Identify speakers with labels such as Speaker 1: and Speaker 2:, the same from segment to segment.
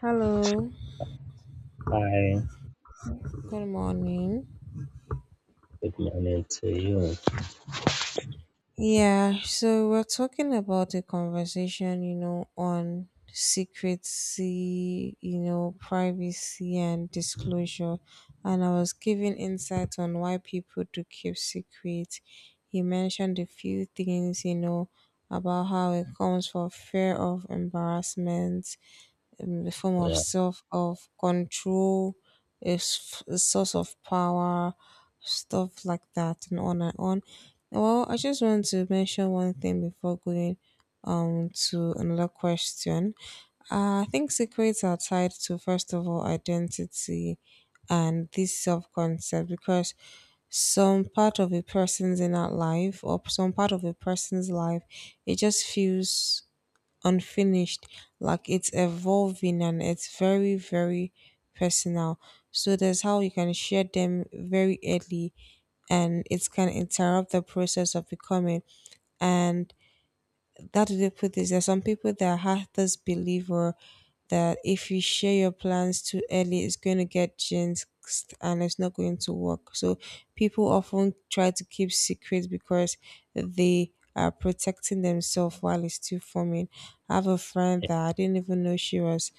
Speaker 1: Hello,
Speaker 2: Hi,
Speaker 1: good morning.
Speaker 2: good morning to you.
Speaker 1: Yeah, so we're talking about a conversation, you know, on secrecy, you know, privacy and disclosure. And I was giving insights on why people do keep secrets. He mentioned a few things, you know, about how it comes for fear of embarrassment, a form of
Speaker 2: Well,
Speaker 1: self of control, a, a source of power, stuff like that, and on and on. Well, I just want to mention one thing before going to another question. I think secrets are tied to first of all identity and this self concept because some part of a person's inner life or some part of a person's life it just feels unfinished, like it's evolving and it's very, very personal. So that's how you can share them very early and it can interrupt the process of becoming. And how do they put this? There are some people that are hardest believer that if you share your plans too early, it's going to get jinxed and it's not going to work. So people often try to keep secrets because they are protecting themselves while it's still forming. I have a friend that I didn't even know she was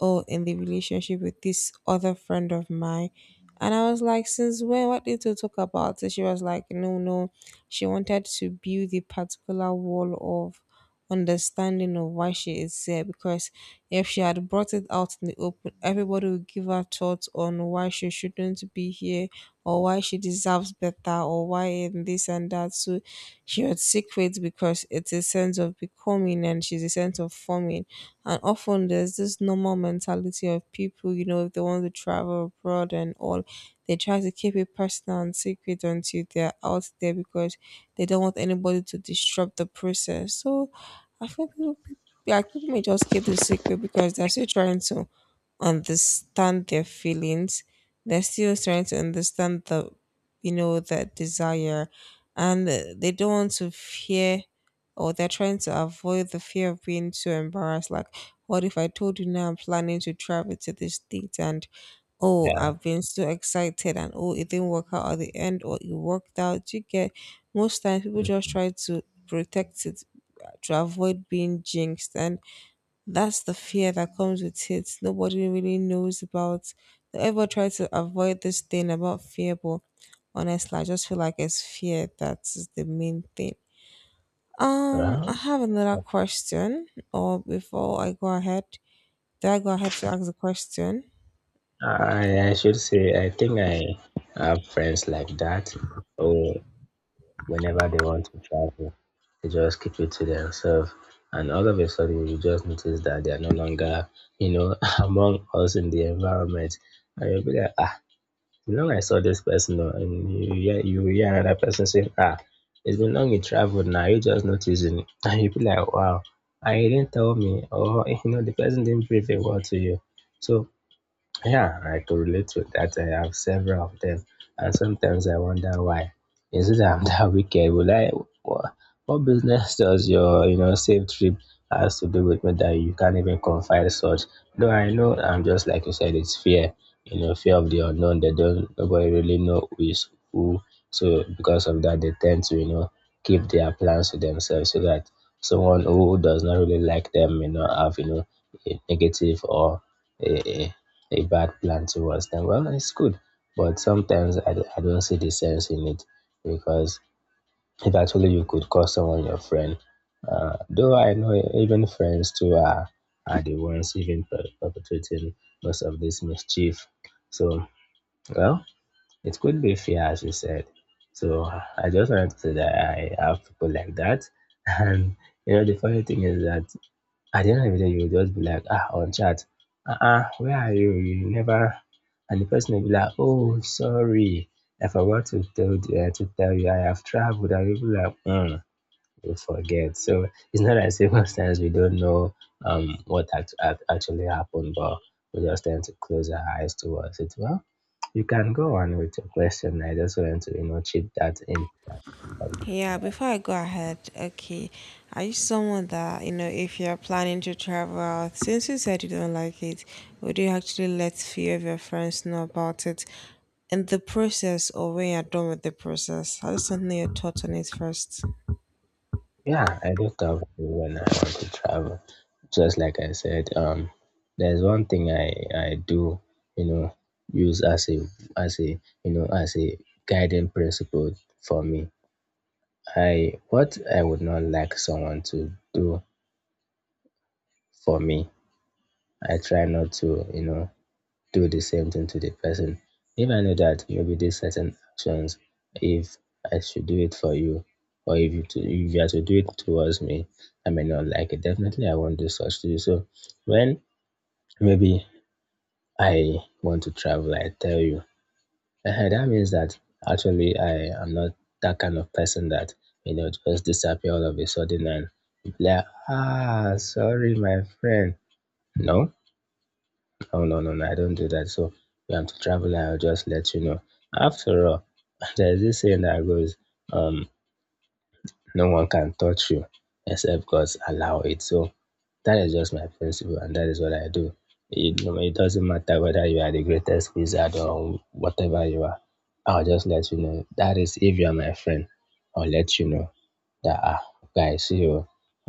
Speaker 1: oh in the relationship with this other friend of mine. And I was like, since when? What did you talk about? So she was like, no, no. She wanted to build the particular wall of understanding of why she is there because if she had brought it out in the open, everybody would give her thoughts on why she shouldn't be here or why she deserves better or why in this and that. So she would secret because it's a sense of becoming and she's a sense of forming. And often there's this normal mentality of people, you know, if they want to travel abroad and all, they try to keep it personal and secret until they're out there because they don't want anybody to disrupt the process. So I think like people may just keep the secret because they're still trying to understand their feelings they're still trying to understand the you know that desire and they don't want to fear or they're trying to avoid the fear of being too embarrassed like what if I told you now I'm planning to travel to this date and oh
Speaker 2: yeah,
Speaker 1: I've been so excited and oh it didn't work out at the end or it worked out you get most times people just try to protect it to avoid being jinxed and that's the fear that comes with it. Nobody really knows about. Everyone tries to avoid this thing about fear, but honestly, I just feel like it's fear that is the main thing. I
Speaker 2: well,
Speaker 1: have another question, or before I go ahead, do I go ahead to ask the question?
Speaker 2: I, I should say, I think I have friends like that who, whenever they want to travel, they just keep it to themselves. And all of a sudden, you just notice that they are no longer, you know, among us in the environment. And you'll be like, you know, I saw this person, and you hear another person say, ah, it's been long you traveled now, you just noticing. And you be like, wow, I didn't tell me, or, you know, the person didn't brief a word to you. So yeah, I could relate to that. I have several of them, and sometimes I wonder why. Instead of that wicked, would I? What, what business does your, you know, safe trip has to do with me that you can't even confide such? No, I know. I'm just like you said. It's fear, you know, fear of the unknown. They don't. Nobody really know who is who. So because of that, they tend to, you know, keep their plans to themselves so that someone who does not really like them may not have, you know, a negative or a, a bad plan towards them. Well, it's good, but sometimes I don't see the sense in it because if actually you could call someone your friend, though I know even friends too are the ones even perpetrating most of this mischief. So, well, it could be fear, as you said. So I just wanted to say that I have people like that. And you know, the funny thing is that at the end of the day, you will just be like, ah, on chat, where are you? You never. And the person will be like, oh, sorry, I forgot to tell you, I have traveled. And you'll be like, hmm, you forget. So it's not like circumstance we don't know what actually happened, but we just tend to close our eyes towards it. Well, you can go on with your question. I just want to you know chip that in.
Speaker 1: Yeah, before I go ahead, okay, are you someone that, you know, if you're planning to travel out, since you said you don't like it, would you actually let few of your friends know about it in the process or when you're done with the process? How is something your thoughts on it first?
Speaker 2: Yeah, I do talk to when I want to travel. Just like I said, there's one thing I do, you know, use as a as a guiding principle for me. I what I would not like someone to do for me. I try not to, you know, do the same thing to the person. If I know that maybe these certain actions, if I should do it for you, or if you are to do it towards me, I may not like it. Definitely, I won't do such to you. So when maybe I want to travel, I tell you, eh, that means that actually I am not that kind of person that you know just disappear all of a sudden and be like, ah, sorry, my friend. No, oh no, I don't do that. So if have to travel, I'll just let you know. After all, there's this saying that goes, um, no one can touch you except God's allow it. So that is just my principle, and that is what I do. It, no, it doesn't matter whether you are the greatest wizard or whatever you are. I'll just let you know. That is if you are my friend, I'll let you know that ah, guys, see, oh,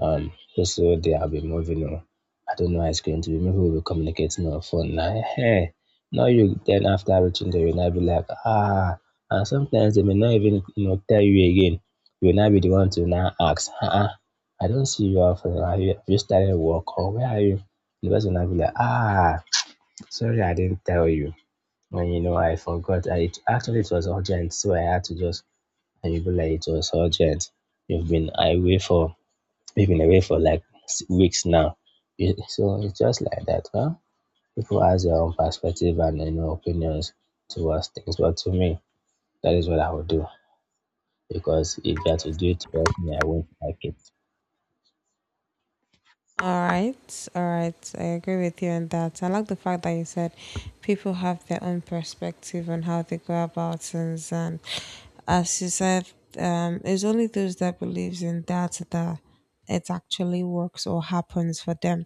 Speaker 2: um, this whole day I'll be moving, oh. I don't know how it's going to be. Maybe we'll be communicating on phone now. Hey, not you then after reaching there, you'll not be like, ah, and sometimes they may not even you know tell you again. You will not be the one to now ask, I don't see you often. Are you have you started work or where are you? The person will not be like, ah, sorry I didn't tell you. And you know I forgot. Actually it was urgent, so I had to just, and you go like it was urgent. You've been away for you've been away for like weeks now. So it's just like that, huh? People has their own perspective and you know opinions towards things. But to me, that is what I would do. Because if you are to do it for me, I won't like it.
Speaker 1: All right, all right. I agree with you on that. I like the fact that you said people have their own perspective on how they go about things, and as you said, it's only those that believes in that that it actually works or happens for them.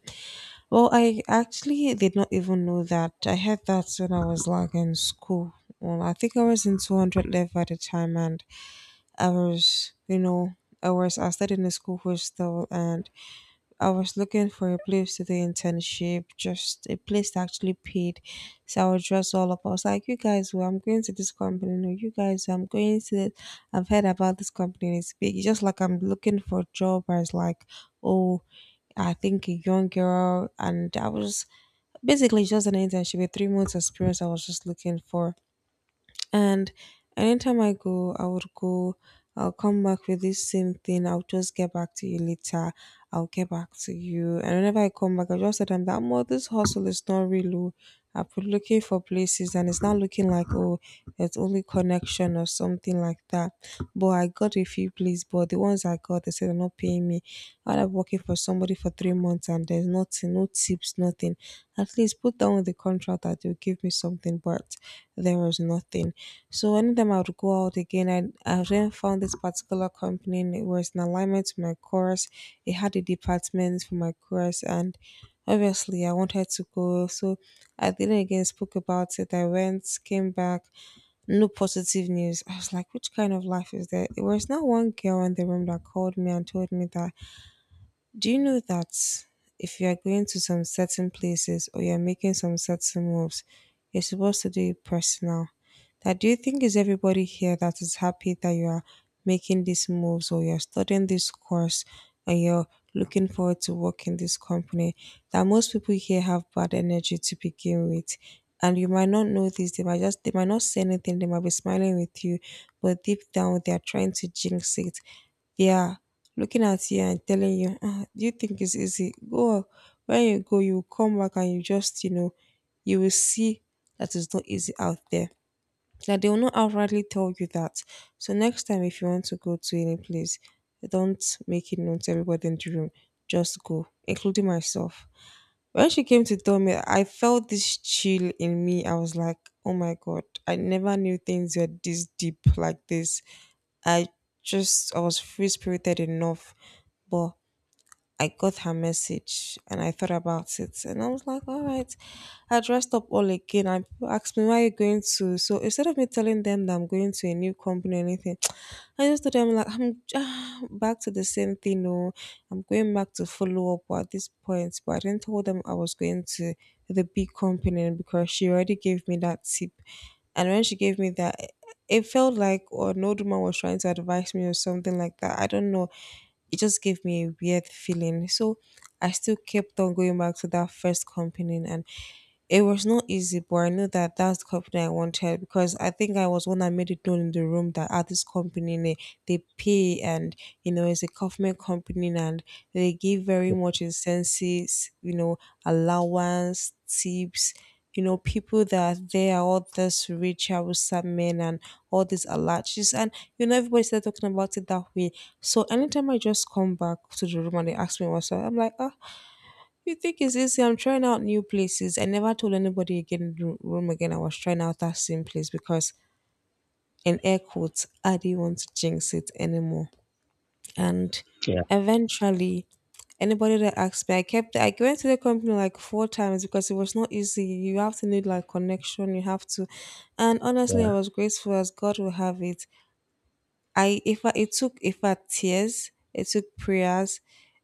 Speaker 1: Well, I actually did not even know that. I heard that when I was like in school. Well, I think I was in 200 level at the time, and I was, you know, I studied in a school hostel, and I was looking for a place to do internship, just a place that actually paid. So I was dressed all up. I was like, you guys, well, I'm going to this company. No, you guys, I'm going to it. I've heard about this company. And it's big. It's just like I'm looking for a job as like, oh, I think a young girl. And I was basically just an internship, a 3 months experience I was just looking for. And anytime I go, I would go, I'll come back with this same thing. I'll just get back to you later. I'll get back to you. And whenever I come back, I just said, I'm that more. This hustle is not real. Oh, I've been looking for places and it's not looking like, oh, it's only connection or something like that. But I got a few places, but the ones I got, they said they're not paying me. I end working for somebody for 3 months and there's nothing, no tips, nothing. At least put down in the contract that you'll give me something, but there was nothing. So anytime I would go out again, I then found this particular company and it was in alignment to my course. It had a department for my course and obviously I wanted to go. So I didn't again spoke about it. I went, came back, no positive news. I was like, which kind of life is that? It was not one girl in the room that called me and told me that do you know that if you are going to some certain places or you're making some certain moves, you're supposed to do it personal? That do you think is everybody here that is happy that you are making these moves or you're studying this course and you're looking forward to work in this company? That most people here have bad energy to begin with. And you might not know this, they might not say anything, they might be smiling with you, but deep down they are trying to jinx it, yeah, looking at you and telling you, ah, do you think it's easy? Go when you go, you will come back and you just, you know, you will see that it's not easy out there. Now they will not outrightly tell you that. So next time, if you want to go to any place, don't make it known to everybody in the room. Just go, including myself. When she came to tell me, I felt this chill in me. I was like, oh my god, I never knew things were this deep like this. I just I was free spirited enough, but I got her message and I thought about it and I was like, all right. I dressed up all again and people asked me, where are you going to? So instead of me telling them that I'm going to a new company or anything, I just told them like, I'm ah, back to the same thing. No, I'm going back to follow up at this point. But I didn't tell them I was going to the big company because she already gave me that tip. And when she gave me that, it felt like or an old man was trying to advise me or something like that. I don't know it just gave me a weird feeling. So I still kept on going back to that first company and it was not easy, but I know that that's the company I wanted because I think I was one that made it known in the room that at this company they pay and you know it's a government company and they give very much incentives, you know, allowance, tips. You know, people that are there are all this rich Hausa men and all these alaches, and you know everybody started talking about it that way. So anytime I just come back to the room and they ask me what's up, I'm like, ah, you think it's easy? I'm trying out new places. I never told anybody again room again. I was trying out that same place because in air quotes, I didn't want to jinx it anymore. And
Speaker 2: Yeah,
Speaker 1: eventually, anybody that asked me, I went to the company like 4 times because it was not easy. You have to need like connection. And honestly, I
Speaker 2: yeah,
Speaker 1: was grateful as God will have it. I if I, it took if I tears, it took prayers,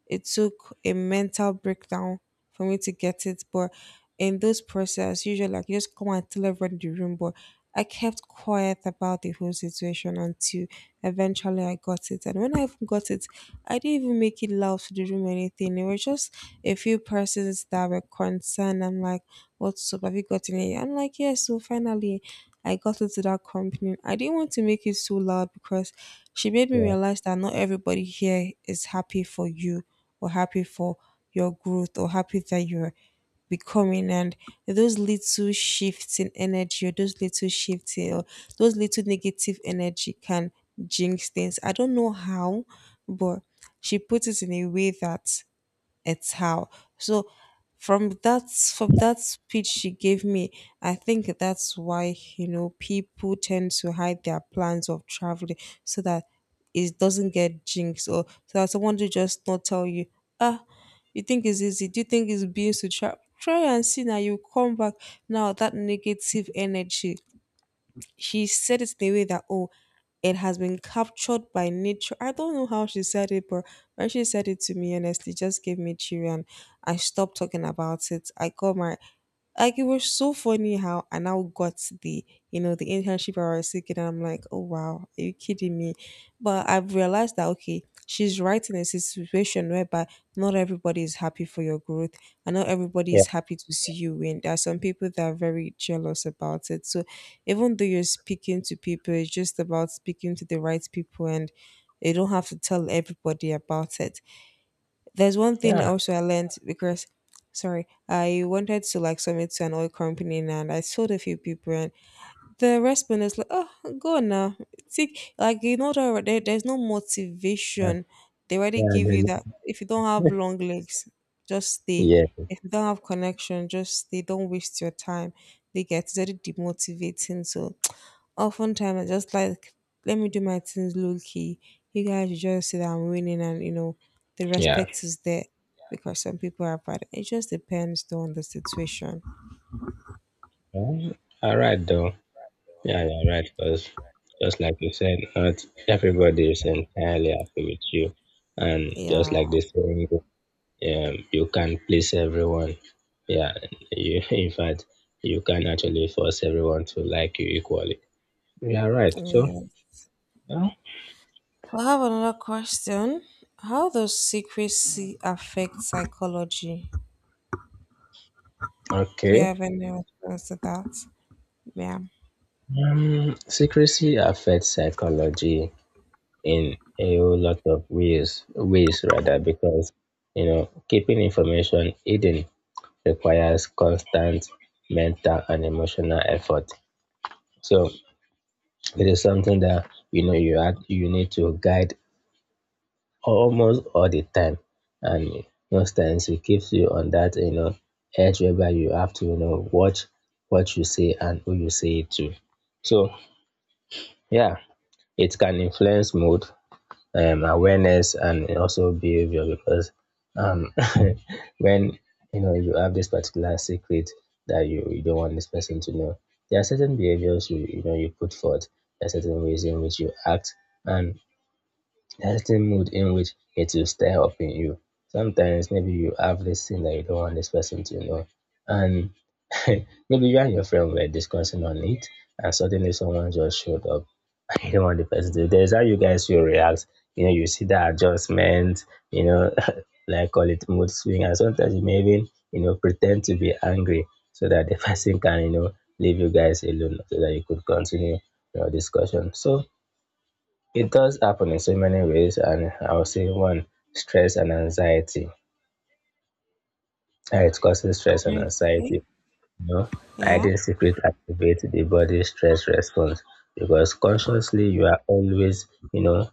Speaker 1: it took a mental breakdown for me to get it. But in those process, usually like you just come and tell everyone in the room. But I kept quiet about the whole situation until eventually I got it. And when I even got it, I didn't even make it loud to the room or anything. It was just a few persons that were concerned. I'm like, what's up? Have you gotten it? I'm like, yes, so finally. I got into that company. I didn't want to make it so loud because she made me
Speaker 2: yeah,
Speaker 1: realize that not everybody here is happy for you or happy for your growth or happy that you're becoming, and those little shifts in energy or those little shifts in- or those little negative energy can jinx things. I don't know how, but she put it in a way that it's how. So from that speech she gave me, I think that's why, you know, people tend to hide their plans of traveling so that it doesn't get jinxed, or so that someone to just not tell you, ah, you think it's easy? Do you think it's being to try and see? Now you come back, now that negative energy. She said it in a way that, oh, it has been captured by nature. I don't know how she said it, but when she said it to me, honestly, it just gave me chill, and I stopped talking about it. I got my, like, it was so funny how I now got the, you know, the internship I was seeking, and I'm like, oh wow, are you kidding me? But I've realized that, okay, she's right. In a situation whereby not everybody is happy for your growth, and not everybody
Speaker 2: yeah,
Speaker 1: is happy to see you win, there are some people that are very jealous about it. So even though you're speaking to people, it's just about speaking to the right people, and you don't have to tell everybody about it. There's one thing
Speaker 2: yeah.
Speaker 1: also I learned because, sorry, I wanted to like submit to an oil company and I told a few people, and the response is like, oh, go on now. Take, like, you know that there, there's no motivation. They already
Speaker 2: Yeah,
Speaker 1: give you
Speaker 2: then-
Speaker 1: that. If you don't have long legs, just stay.
Speaker 2: yeah.
Speaker 1: If you don't have connection, just stay. Don't waste your time. They get it's already demotivating. So oftentimes I just like, let me do my things low key. You guys will just see that I'm winning, and you know the
Speaker 2: Yeah.
Speaker 1: respect is there because some people are bad. It just depends though on the situation.
Speaker 2: All right though. Yeah, you're right. Because just like you said, not everybody is entirely happy with you, and just
Speaker 1: Yeah.
Speaker 2: like this, you can't please everyone. Yeah, in fact, you can actually force everyone to like you equally. Yeah, right. So,
Speaker 1: Yeah.
Speaker 2: yeah.
Speaker 1: So I have another question. How does secrecy affect psychology? Do
Speaker 2: Okay.
Speaker 1: you have any response to that? Yeah.
Speaker 2: Secrecy affects psychology in a whole lot of ways, ways rather, because you know keeping information hidden requires constant mental and emotional effort. So it is something that you know you have you need to guide almost all the time, and most times it keeps you on that you know edge whereby you have to you know watch what you say and who you say it to. So yeah, it can influence mood, awareness and also behavior because um, when you know you have this particular secret that you don't want this person to know, there are certain behaviors you you know you put forth, there are certain ways in which you act, and there are certain mood in which it will stir up in you. Sometimes maybe you have this thing that you don't want this person to know, and maybe you and your friend were discussing on it and suddenly someone just showed up. You know, on the first day, there's how you guys will react. You know, you see the adjustment, you know, like call it mood swing, and sometimes you may even, you know, pretend to be angry so that the person can, you know, leave you guys alone so that you could continue your discussion. So it does happen in so many ways, and I would say one, stress and anxiety. It causes stress and
Speaker 1: Okay.
Speaker 2: anxiety. You know,
Speaker 1: Yeah.
Speaker 2: hiding secret activate the body stress response because consciously you are always, you know,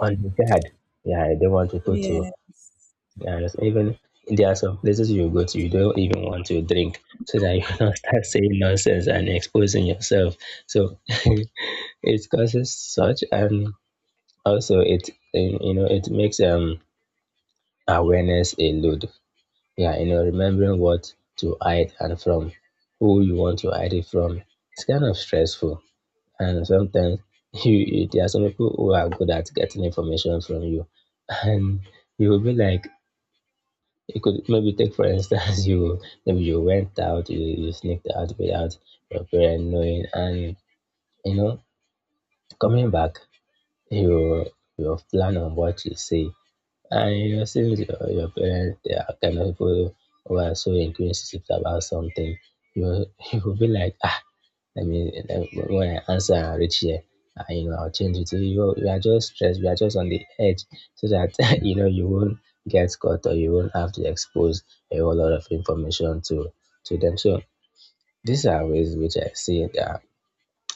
Speaker 2: on the card. Yeah, I don't want people to.
Speaker 1: Yeah.
Speaker 2: Yeah, there's even there are some places you go to, you don't even want to drink, so that you don't start saying nonsense and exposing yourself. So it causes such, and also it you know it makes awareness a load. Yeah, you know remembering what to hide and from who you want to hide it from. It's kind of stressful and sometimes you there are some people who are good at getting information from you, and you will be like you could maybe take for instance you maybe you went out you sneaked out without your parent knowing and you know coming back you you plan on what you say, and you know since your parents they are kind of people who are so inquisitive about something, you you will be like ah, let me let, when I answer and reach here, you know, I'll change it. So you are just stressed. You are just on the edge, so that you know you won't get caught or you won't have to expose a whole lot of information to them. So these are ways which I see that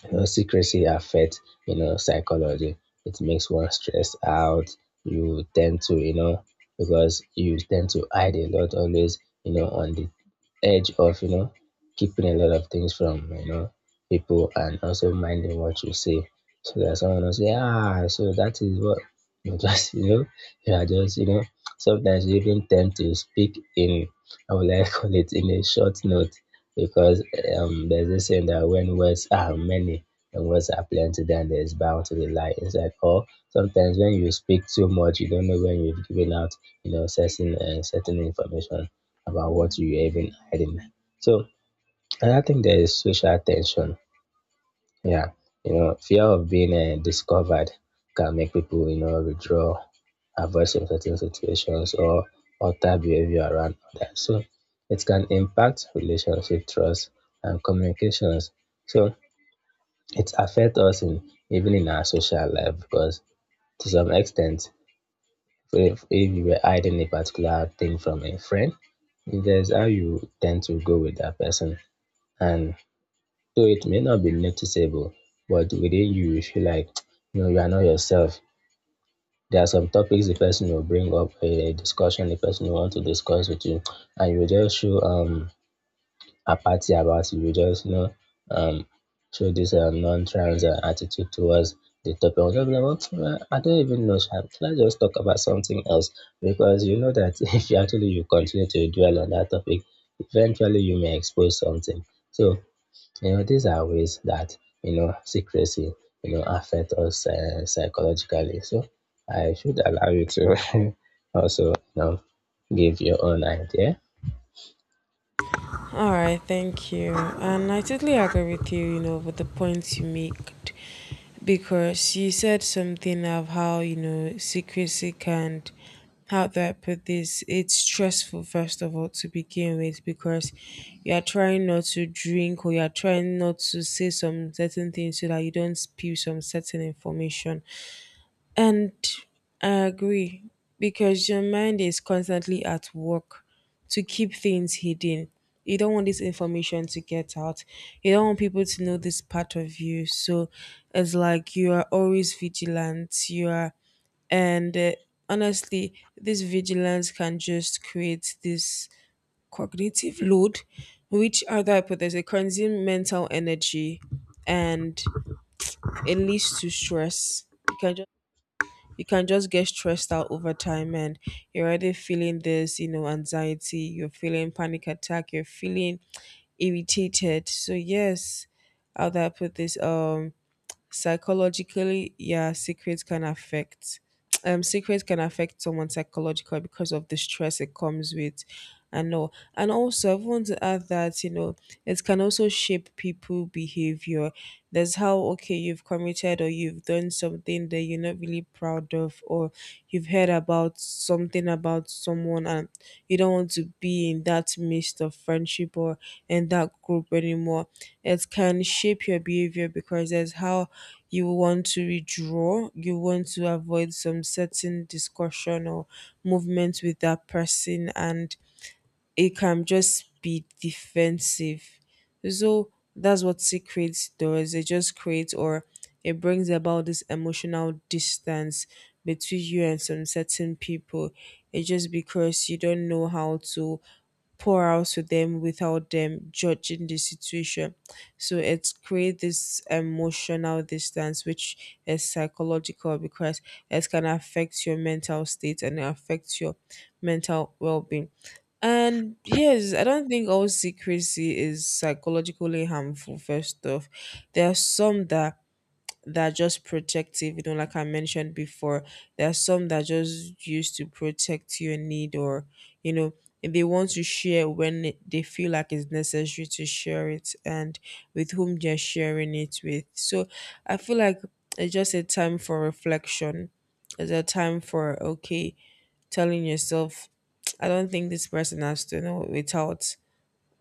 Speaker 2: you know, secrecy affects, you know, psychology. It makes one stressed out. You tend to, you know, because you tend to hide a lot always, you know, on the edge of, you know, keeping a lot of things from, you know, people and also minding what you say. So that someone will say, ah, so that is what you just, you know, you are just, you know, sometimes you even tend to speak in, I would like call it in a short note because there's this saying that when words are many and words are plenty, then there's bound to be lie inside. Or sometimes when you speak too much, you don't know when you've given out, you know, certain certain information about what you're even hiding. So, and I think there is social tension. Yeah, you know, fear of being discovered can make people, you know, withdraw, avoid some certain situations, or alter behavior around others. So it can impact relationship, trust, and communications. So it affects us in even in our social life because to some extent, if you were hiding a particular thing from a friend, there's how you tend to go with that person, and so it may not be noticeable, but within you, you feel like you know you are not yourself. There are some topics the person will bring up a discussion the person will want to discuss with you, and you will just show apathy about it. You will just um show this non-trans attitude towards the topic. I'll just be like, "What? Well, I don't even know. Sha. Let's just talk about something else because you know that if you continue to dwell on that topic, eventually you may expose something. So you know, these are ways that, you know, secrecy, you know, affect us psychologically. So I should allow you to also, you know, give your own idea.
Speaker 1: All right, thank you. And I totally agree with you, you know, with the points you made, because you said something of how, you know, secrecy can, how do I put this? It's stressful, first of all, to begin with, because you're trying not to drink, or you're trying not to say some certain things so that you don't spill some certain information. And I agree, because your mind is constantly at work to keep things hidden. You don't want this information to get out. You don't want people to know this part of you. So it's like you are always vigilant. You are, and honestly, this vigilance can just create this cognitive load, which other hypothesis consume mental energy, and it leads to stress. You can just, you can just get stressed out over time, and you're already feeling this, you know, anxiety, you're feeling panic attack, you're feeling irritated. So yes, how do I put this? Psychologically, yeah, secrets can affect, secrets can affect someone psychologically because of the stress it comes with, I know. And also I want to add that, you know, it can also shape people behavior. There's how, okay, you've committed or you've done something that you're not really proud of, or you've heard about something about someone, and you don't want to be in that midst of friendship or in that group anymore. It can shape your behavior because that's how you want to withdraw. You want to avoid some certain discussion or movement with that person, and it can just be defensive. So that's what secrets does. It just creates, or it brings about this emotional distance between you and some certain people. It's just because you don't know how to pour out to them without them judging the situation. So it's create this emotional distance, which is psychological because it can affect your mental state and affect your mental well-being. And yes, I don't think all secrecy is psychologically harmful, first off. There are some that that are just protective, you know, like I mentioned before. There are some that are just used to protect your need, or, you know, they want to share when they feel like it's necessary to share it and with whom they're sharing it with. So I feel like it's just a time for reflection. It's a time for, okay, telling yourself, I don't think this person has to know. Without,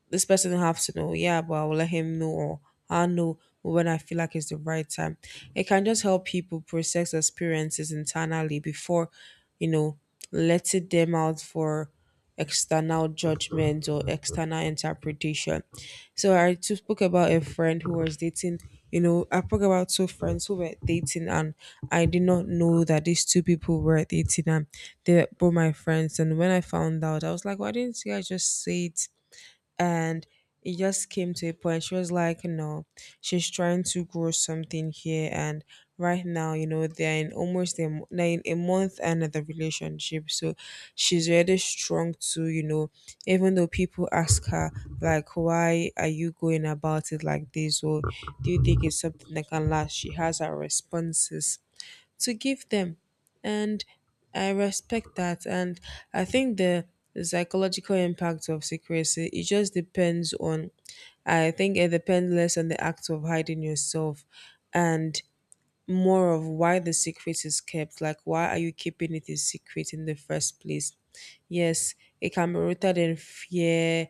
Speaker 1: this person don't have to know. Yeah, but I will let him know, or I'll know when I feel like it's the right time. It can just help people process experiences internally before, you know, letting them out for external judgment or external interpretation. So I just spoke about a friend who was dating, you know, I spoke about two friends who were dating, and I did not know that these two people were dating, and they were both my friends. And when I found out, I was like, why didn't you guys just say it? And it just came to a point she was like, no, she's trying to grow something here, and right now, you know, they're in a month and of the relationship. So she's really strong to, you know, even though people ask her like, why are you going about it like this, or do you think it's something that can last, she has her responses to give them. And I respect that. And I think the psychological impact of secrecy, it just depends on, I think it depends less on the act of hiding yourself and more of why the secret is kept. Like, why are you keeping it a secret in the first place? Yes, it can be rooted in fear,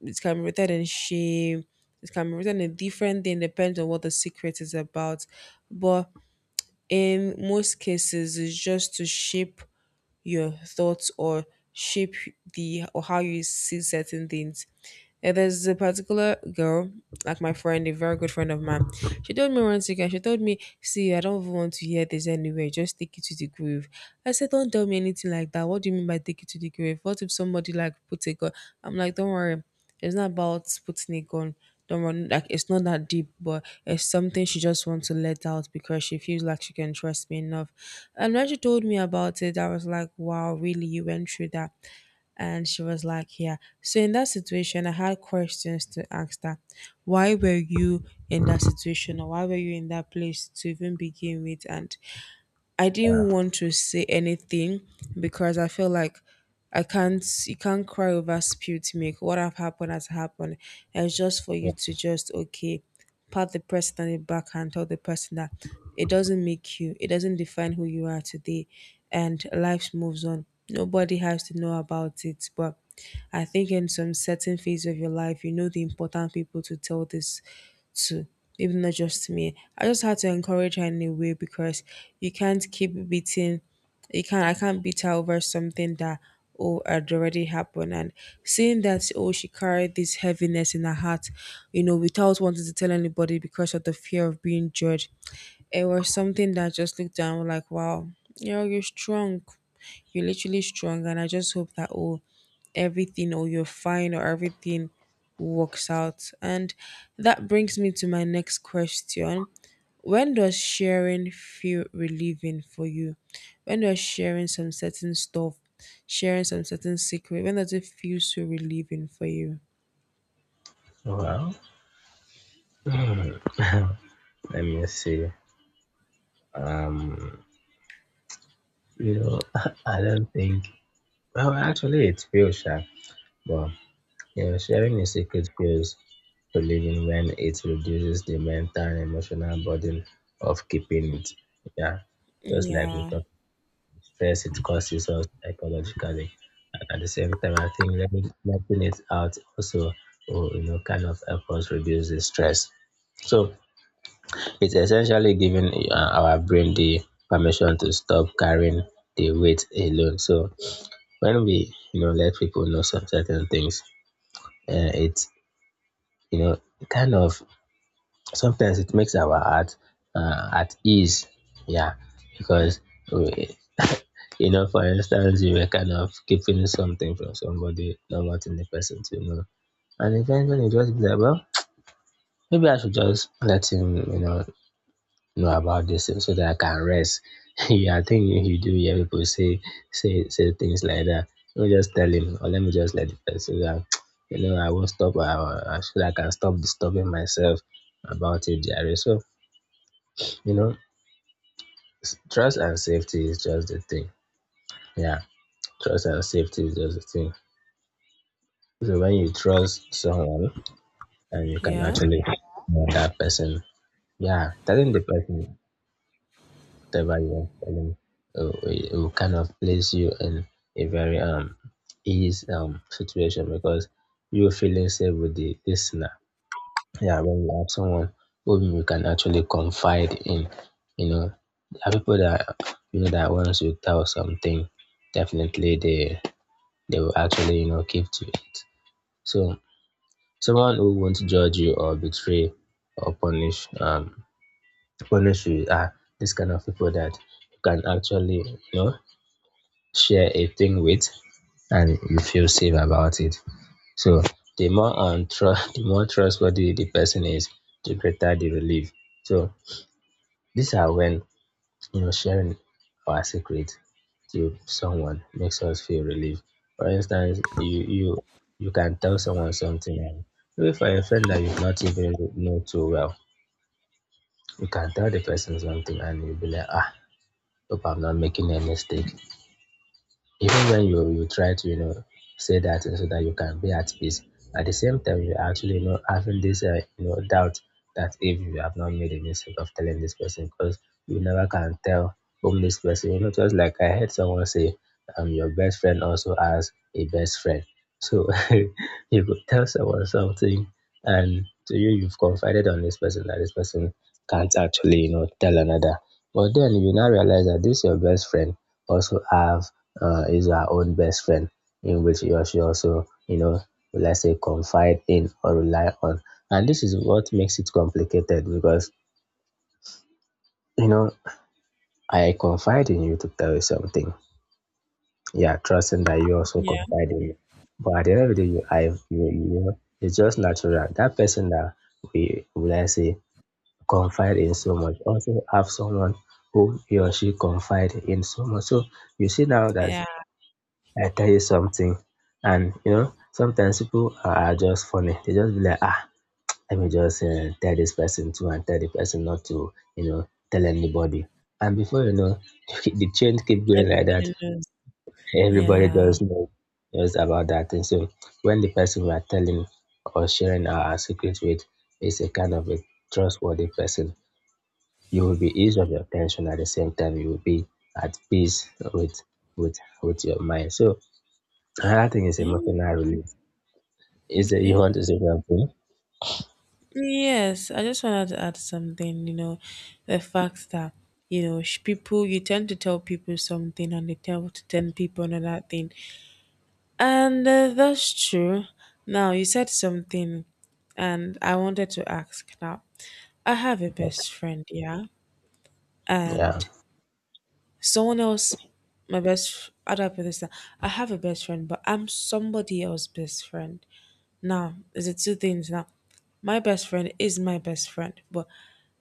Speaker 1: it can be rooted in shame, it can be written a different thing depends on what the secret is about, but in most cases is just to shape your thoughts, or shape the, or how you see certain things. Yeah, there's a particular girl, like my friend, a very good friend of mine. She told me once again, she told me, see, I don't even want to hear this anyway. Just take it to the grave. I said, don't tell me anything like that. What do you mean by take it to the grave? What if somebody like put a gun? I'm like, don't worry. It's not about putting a gun. Don't worry. Like, it's not that deep, but it's something she just wants to let out because she feels like she can trust me enough. And when she told me about it, I was like, wow, really, you went through that. And she was like, yeah. So in that situation, I had questions to ask her. Why were you in that situation, or why were you in that place to even begin with? And I
Speaker 2: Uh,
Speaker 1: didn't want to say anything because I feel like I can't, you can't cry over spilled milk. What have happened has happened. And it's just for
Speaker 2: yeah.
Speaker 1: you to just, okay, pat the person on the back and tell the person that it doesn't make you, it doesn't define who you are today, and life moves on. Nobody has to know about it. But I think in some certain phase of your life, you know the important people to tell this to, maybe not just me. I just had to encourage her in a way because you can't keep beating, you can't, I can't beat her over something that, oh, had already happened, and seeing that, oh, she carried this heaviness in her heart, you know, without wanting to tell anybody because of the fear of being judged. It was something that I just looked down like, wow, you know, you're strong. You're literally strong, and I just hope that, oh, everything, or you're fine, or everything works out. And that brings me to my next question. When does sharing feel relieving for you? When does sharing some certain stuff, sharing some certain secret, when does it feel so relieving for you?
Speaker 2: Well, hmm, let me see. Um, you know, I don't think. Well, actually, it feels sharp, but you know, sharing a secret feels relieving when it reduces the mental and emotional burden of keeping it. Yeah, just like we
Speaker 1: Yeah.
Speaker 2: talked. First, it causes us psychologically. And at the same time, I think letting it out also, will, you know, kind of help us reduce the stress. So it's essentially giving our brain the permission to stop carrying the weight alone. So when we, you know, let people know some certain things, uh, it, you know, kind of sometimes it makes our heart at ease. Yeah, because we, you know, for instance, you were kind of keeping something from somebody, not wanting the person to know. And eventually you just be like, well, maybe I should just let him, you know about this thing so that I can rest. Yeah, I think you do hear people say things like that. Let me just tell him, or let me just let the person that you know I won't stop. I feel like I can stop disturbing myself about it, Jerry. So you know, trust and safety is just the thing. Yeah, trust and safety is just the thing. So when you trust someone and you can
Speaker 1: Yeah.
Speaker 2: actually know that person, yeah, telling the person whatever you want to tell him it will kind of place you in a very ease situation because you're feeling safe with the listener. Yeah, when you have someone whom you can actually confide in, you know, there are people that you know that once you tell something, definitely they will actually you know keep to it. So someone who won't judge you or betray or punish you are this kind of people that you can actually you know share a thing with and you feel safe about it. So the more trustworthy the person is, the greater the relief. So these are when you know, sharing our secret to someone makes us feel relieved. For instance, you can tell someone something, and maybe for a friend that you've not even know too well, you can tell the person something, and you'll be like, ah, hope I'm not making a mistake even when you try to you know say that thing so that you can be at peace. At the same time you actually you know having this you know doubt that if you have not made a mistake of telling this person because you never can tell whom this person you know. Just like I heard someone say your best friend also has a best friend. So you could tell someone something, and to you you've confided on this person that this person can't actually you know tell another, but then you now realize that this your best friend also have is our own best friend, in which you should also you know let's say confide in or rely on. And this is what makes it complicated because you know I confide in you to tell you something, yeah, trusting that you also
Speaker 1: Yeah.
Speaker 2: confide in me. But at the end of the day you know it's just natural that person that we would I say confide in so much also have someone whom he or she confide in so much. So you see now that
Speaker 1: Yeah.
Speaker 2: I tell you something. And you know, sometimes people are just funny. They just be like, ah, let me just tell this person to and tell the person not to, you know, tell anybody. And before you know, the chain keep going like that.
Speaker 1: Everybody knows.
Speaker 2: Everybody
Speaker 1: Yeah.
Speaker 2: just know just about that thing. So when the person we are telling or sharing our secret with is a kind of a trustworthy person, you will be ease of your tension at the same time. You will be at peace with with your mind. So another thing is
Speaker 1: Yeah.
Speaker 2: emotional release. Is it you
Speaker 1: Okay.
Speaker 2: want to say something?
Speaker 1: Yes, I just wanted to add something, you know, the fact that, you know, people, you tend to tell people something and they tell to 10 people another thing. And that's true. Now, you said something, and I wanted to ask now. I have a
Speaker 2: Okay.
Speaker 1: best friend, yeah,
Speaker 2: Yeah.
Speaker 1: and someone else, my best, how do I put this down? I have a best friend, but I'm somebody else's best friend. Now, is it two things now? My best friend is my best friend, but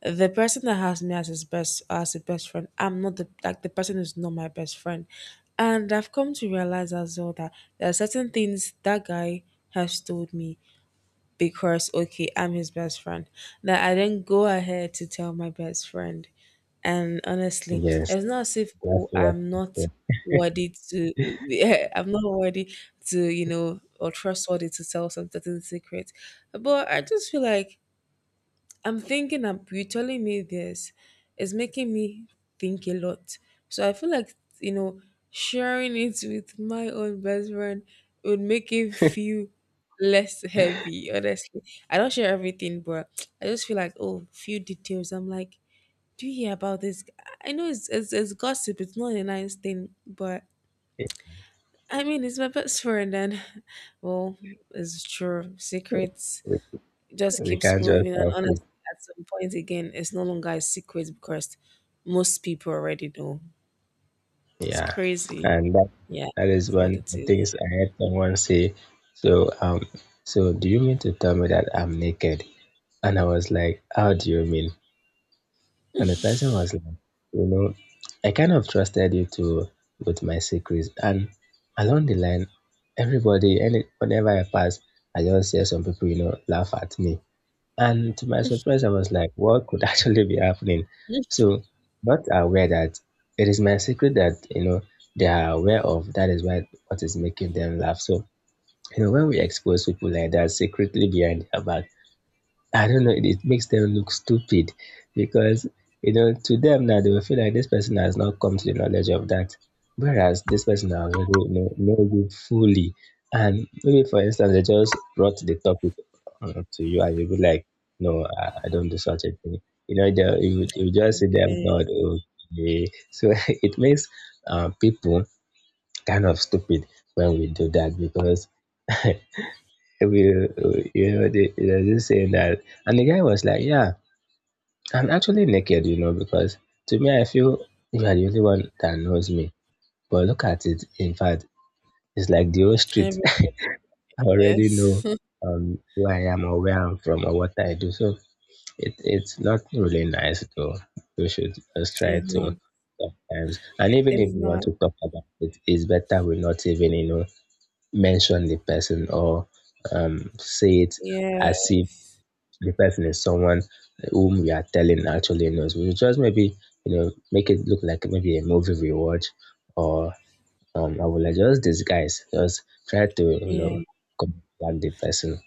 Speaker 1: the person that has me as his best, as a best friend, I'm not the, like, the person is not my best friend. And I've come to realize as well that there are certain things that guy has told me because, okay, I'm his best friend, that I didn't go ahead to tell my best friend. And honestly,
Speaker 2: Yes.
Speaker 1: it's not as if,
Speaker 2: That's
Speaker 1: oh,
Speaker 2: what
Speaker 1: I'm
Speaker 2: I
Speaker 1: not
Speaker 2: said.
Speaker 1: worthy to yeah, I'm not worthy to, you know, or trustworthy to tell some certain secret. But I just feel like I'm thinking up you telling me this is making me think a lot. So I feel like, you know, sharing it with my own best friend would make it feel less heavy, honestly. I don't share everything, but I just feel like, oh, few details. I'm like, do you hear about this? I know it's it's gossip, it's not a nice thing, but I mean it's my best friend, and well, it's true. Secrets,
Speaker 2: We,
Speaker 1: it just
Speaker 2: we
Speaker 1: keeps
Speaker 2: can't just
Speaker 1: moving. And
Speaker 2: help it.
Speaker 1: honestly, at some point again, it's no longer a secret because most people already know. It's
Speaker 2: Yeah.
Speaker 1: crazy.
Speaker 2: And that
Speaker 1: Yeah,
Speaker 2: that is
Speaker 1: that's what
Speaker 2: one of
Speaker 1: it
Speaker 2: the
Speaker 1: is.
Speaker 2: things I heard someone say. So so do you mean to tell me that I'm naked? And I was like, How do you mean? And the person was like, you know, I kind of trusted you to with my secrets. And along the line, everybody, any whenever I pass, I just hear some people, you know, laugh at me. And to my surprise, I was like, what could actually be happening? So not aware that it is my secret that, you know, they are aware of. That is why what is making them laugh. So, you know, when we expose people like that secretly behind their back, I don't know, it makes them look stupid because, you know, to them now they will feel like this person has not come to the knowledge of that. Whereas this person has already you know, knows it fully. And maybe, for instance, they just brought the topic to you and you'll be like, no, I don't do such a thing. You know, you just see them
Speaker 1: Okay.
Speaker 2: nod, okay. So it makes people kind of stupid when we do that because you know, there's this saying that, and the guy was like, yeah, I'm actually naked, you know, because to me, I feel you are the only one that knows me. But look at it, in fact, it's like the whole street.
Speaker 1: Every-
Speaker 2: I already
Speaker 1: Yes.
Speaker 2: know who I am or where I'm from or what I do. So it's not really nice, though. We should just try
Speaker 1: It's not.
Speaker 2: to sometimes. And even if
Speaker 1: It's
Speaker 2: we want
Speaker 1: not.
Speaker 2: to talk about it, it's better we not even, you know, mention the person or say it as
Speaker 1: Yeah.
Speaker 2: if the person is someone whom we are telling actually knows. We will just maybe, you know, make it look like maybe a movie we watch or I will like just disguise, just try to, you
Speaker 1: Yeah.
Speaker 2: know, contact the person.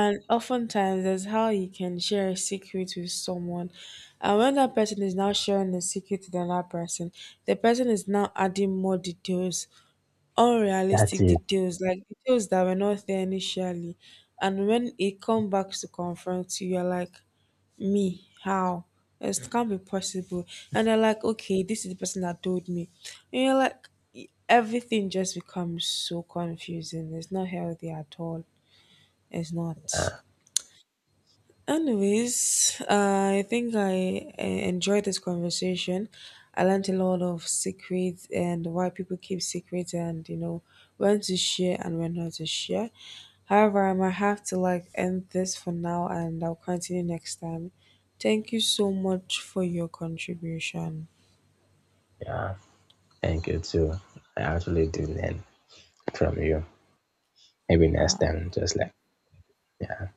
Speaker 1: And oftentimes, that's how you can share a secret with someone. And when that person is now sharing the secret to another person, the person is now adding more details,
Speaker 2: That's
Speaker 1: unrealistic
Speaker 2: it.
Speaker 1: details, like details that were not there initially. And when it come back to confront you, you're like, me, how? It can't be possible. And they're like, okay, this is the person that told me. And you're like, everything just becomes so confusing. It's not healthy at all. It's not.
Speaker 2: Yeah,
Speaker 1: Anyways, I think I enjoyed this conversation. I learned a lot of secrets and why people keep secrets, and you know when to share and when not to share. However, I might have to like end this for now, and I'll continue next time. Thank you so much for your contribution.
Speaker 2: yeah. Thank you too. I actually do learn from you. Maybe next
Speaker 1: All right.
Speaker 2: time, just like, yeah.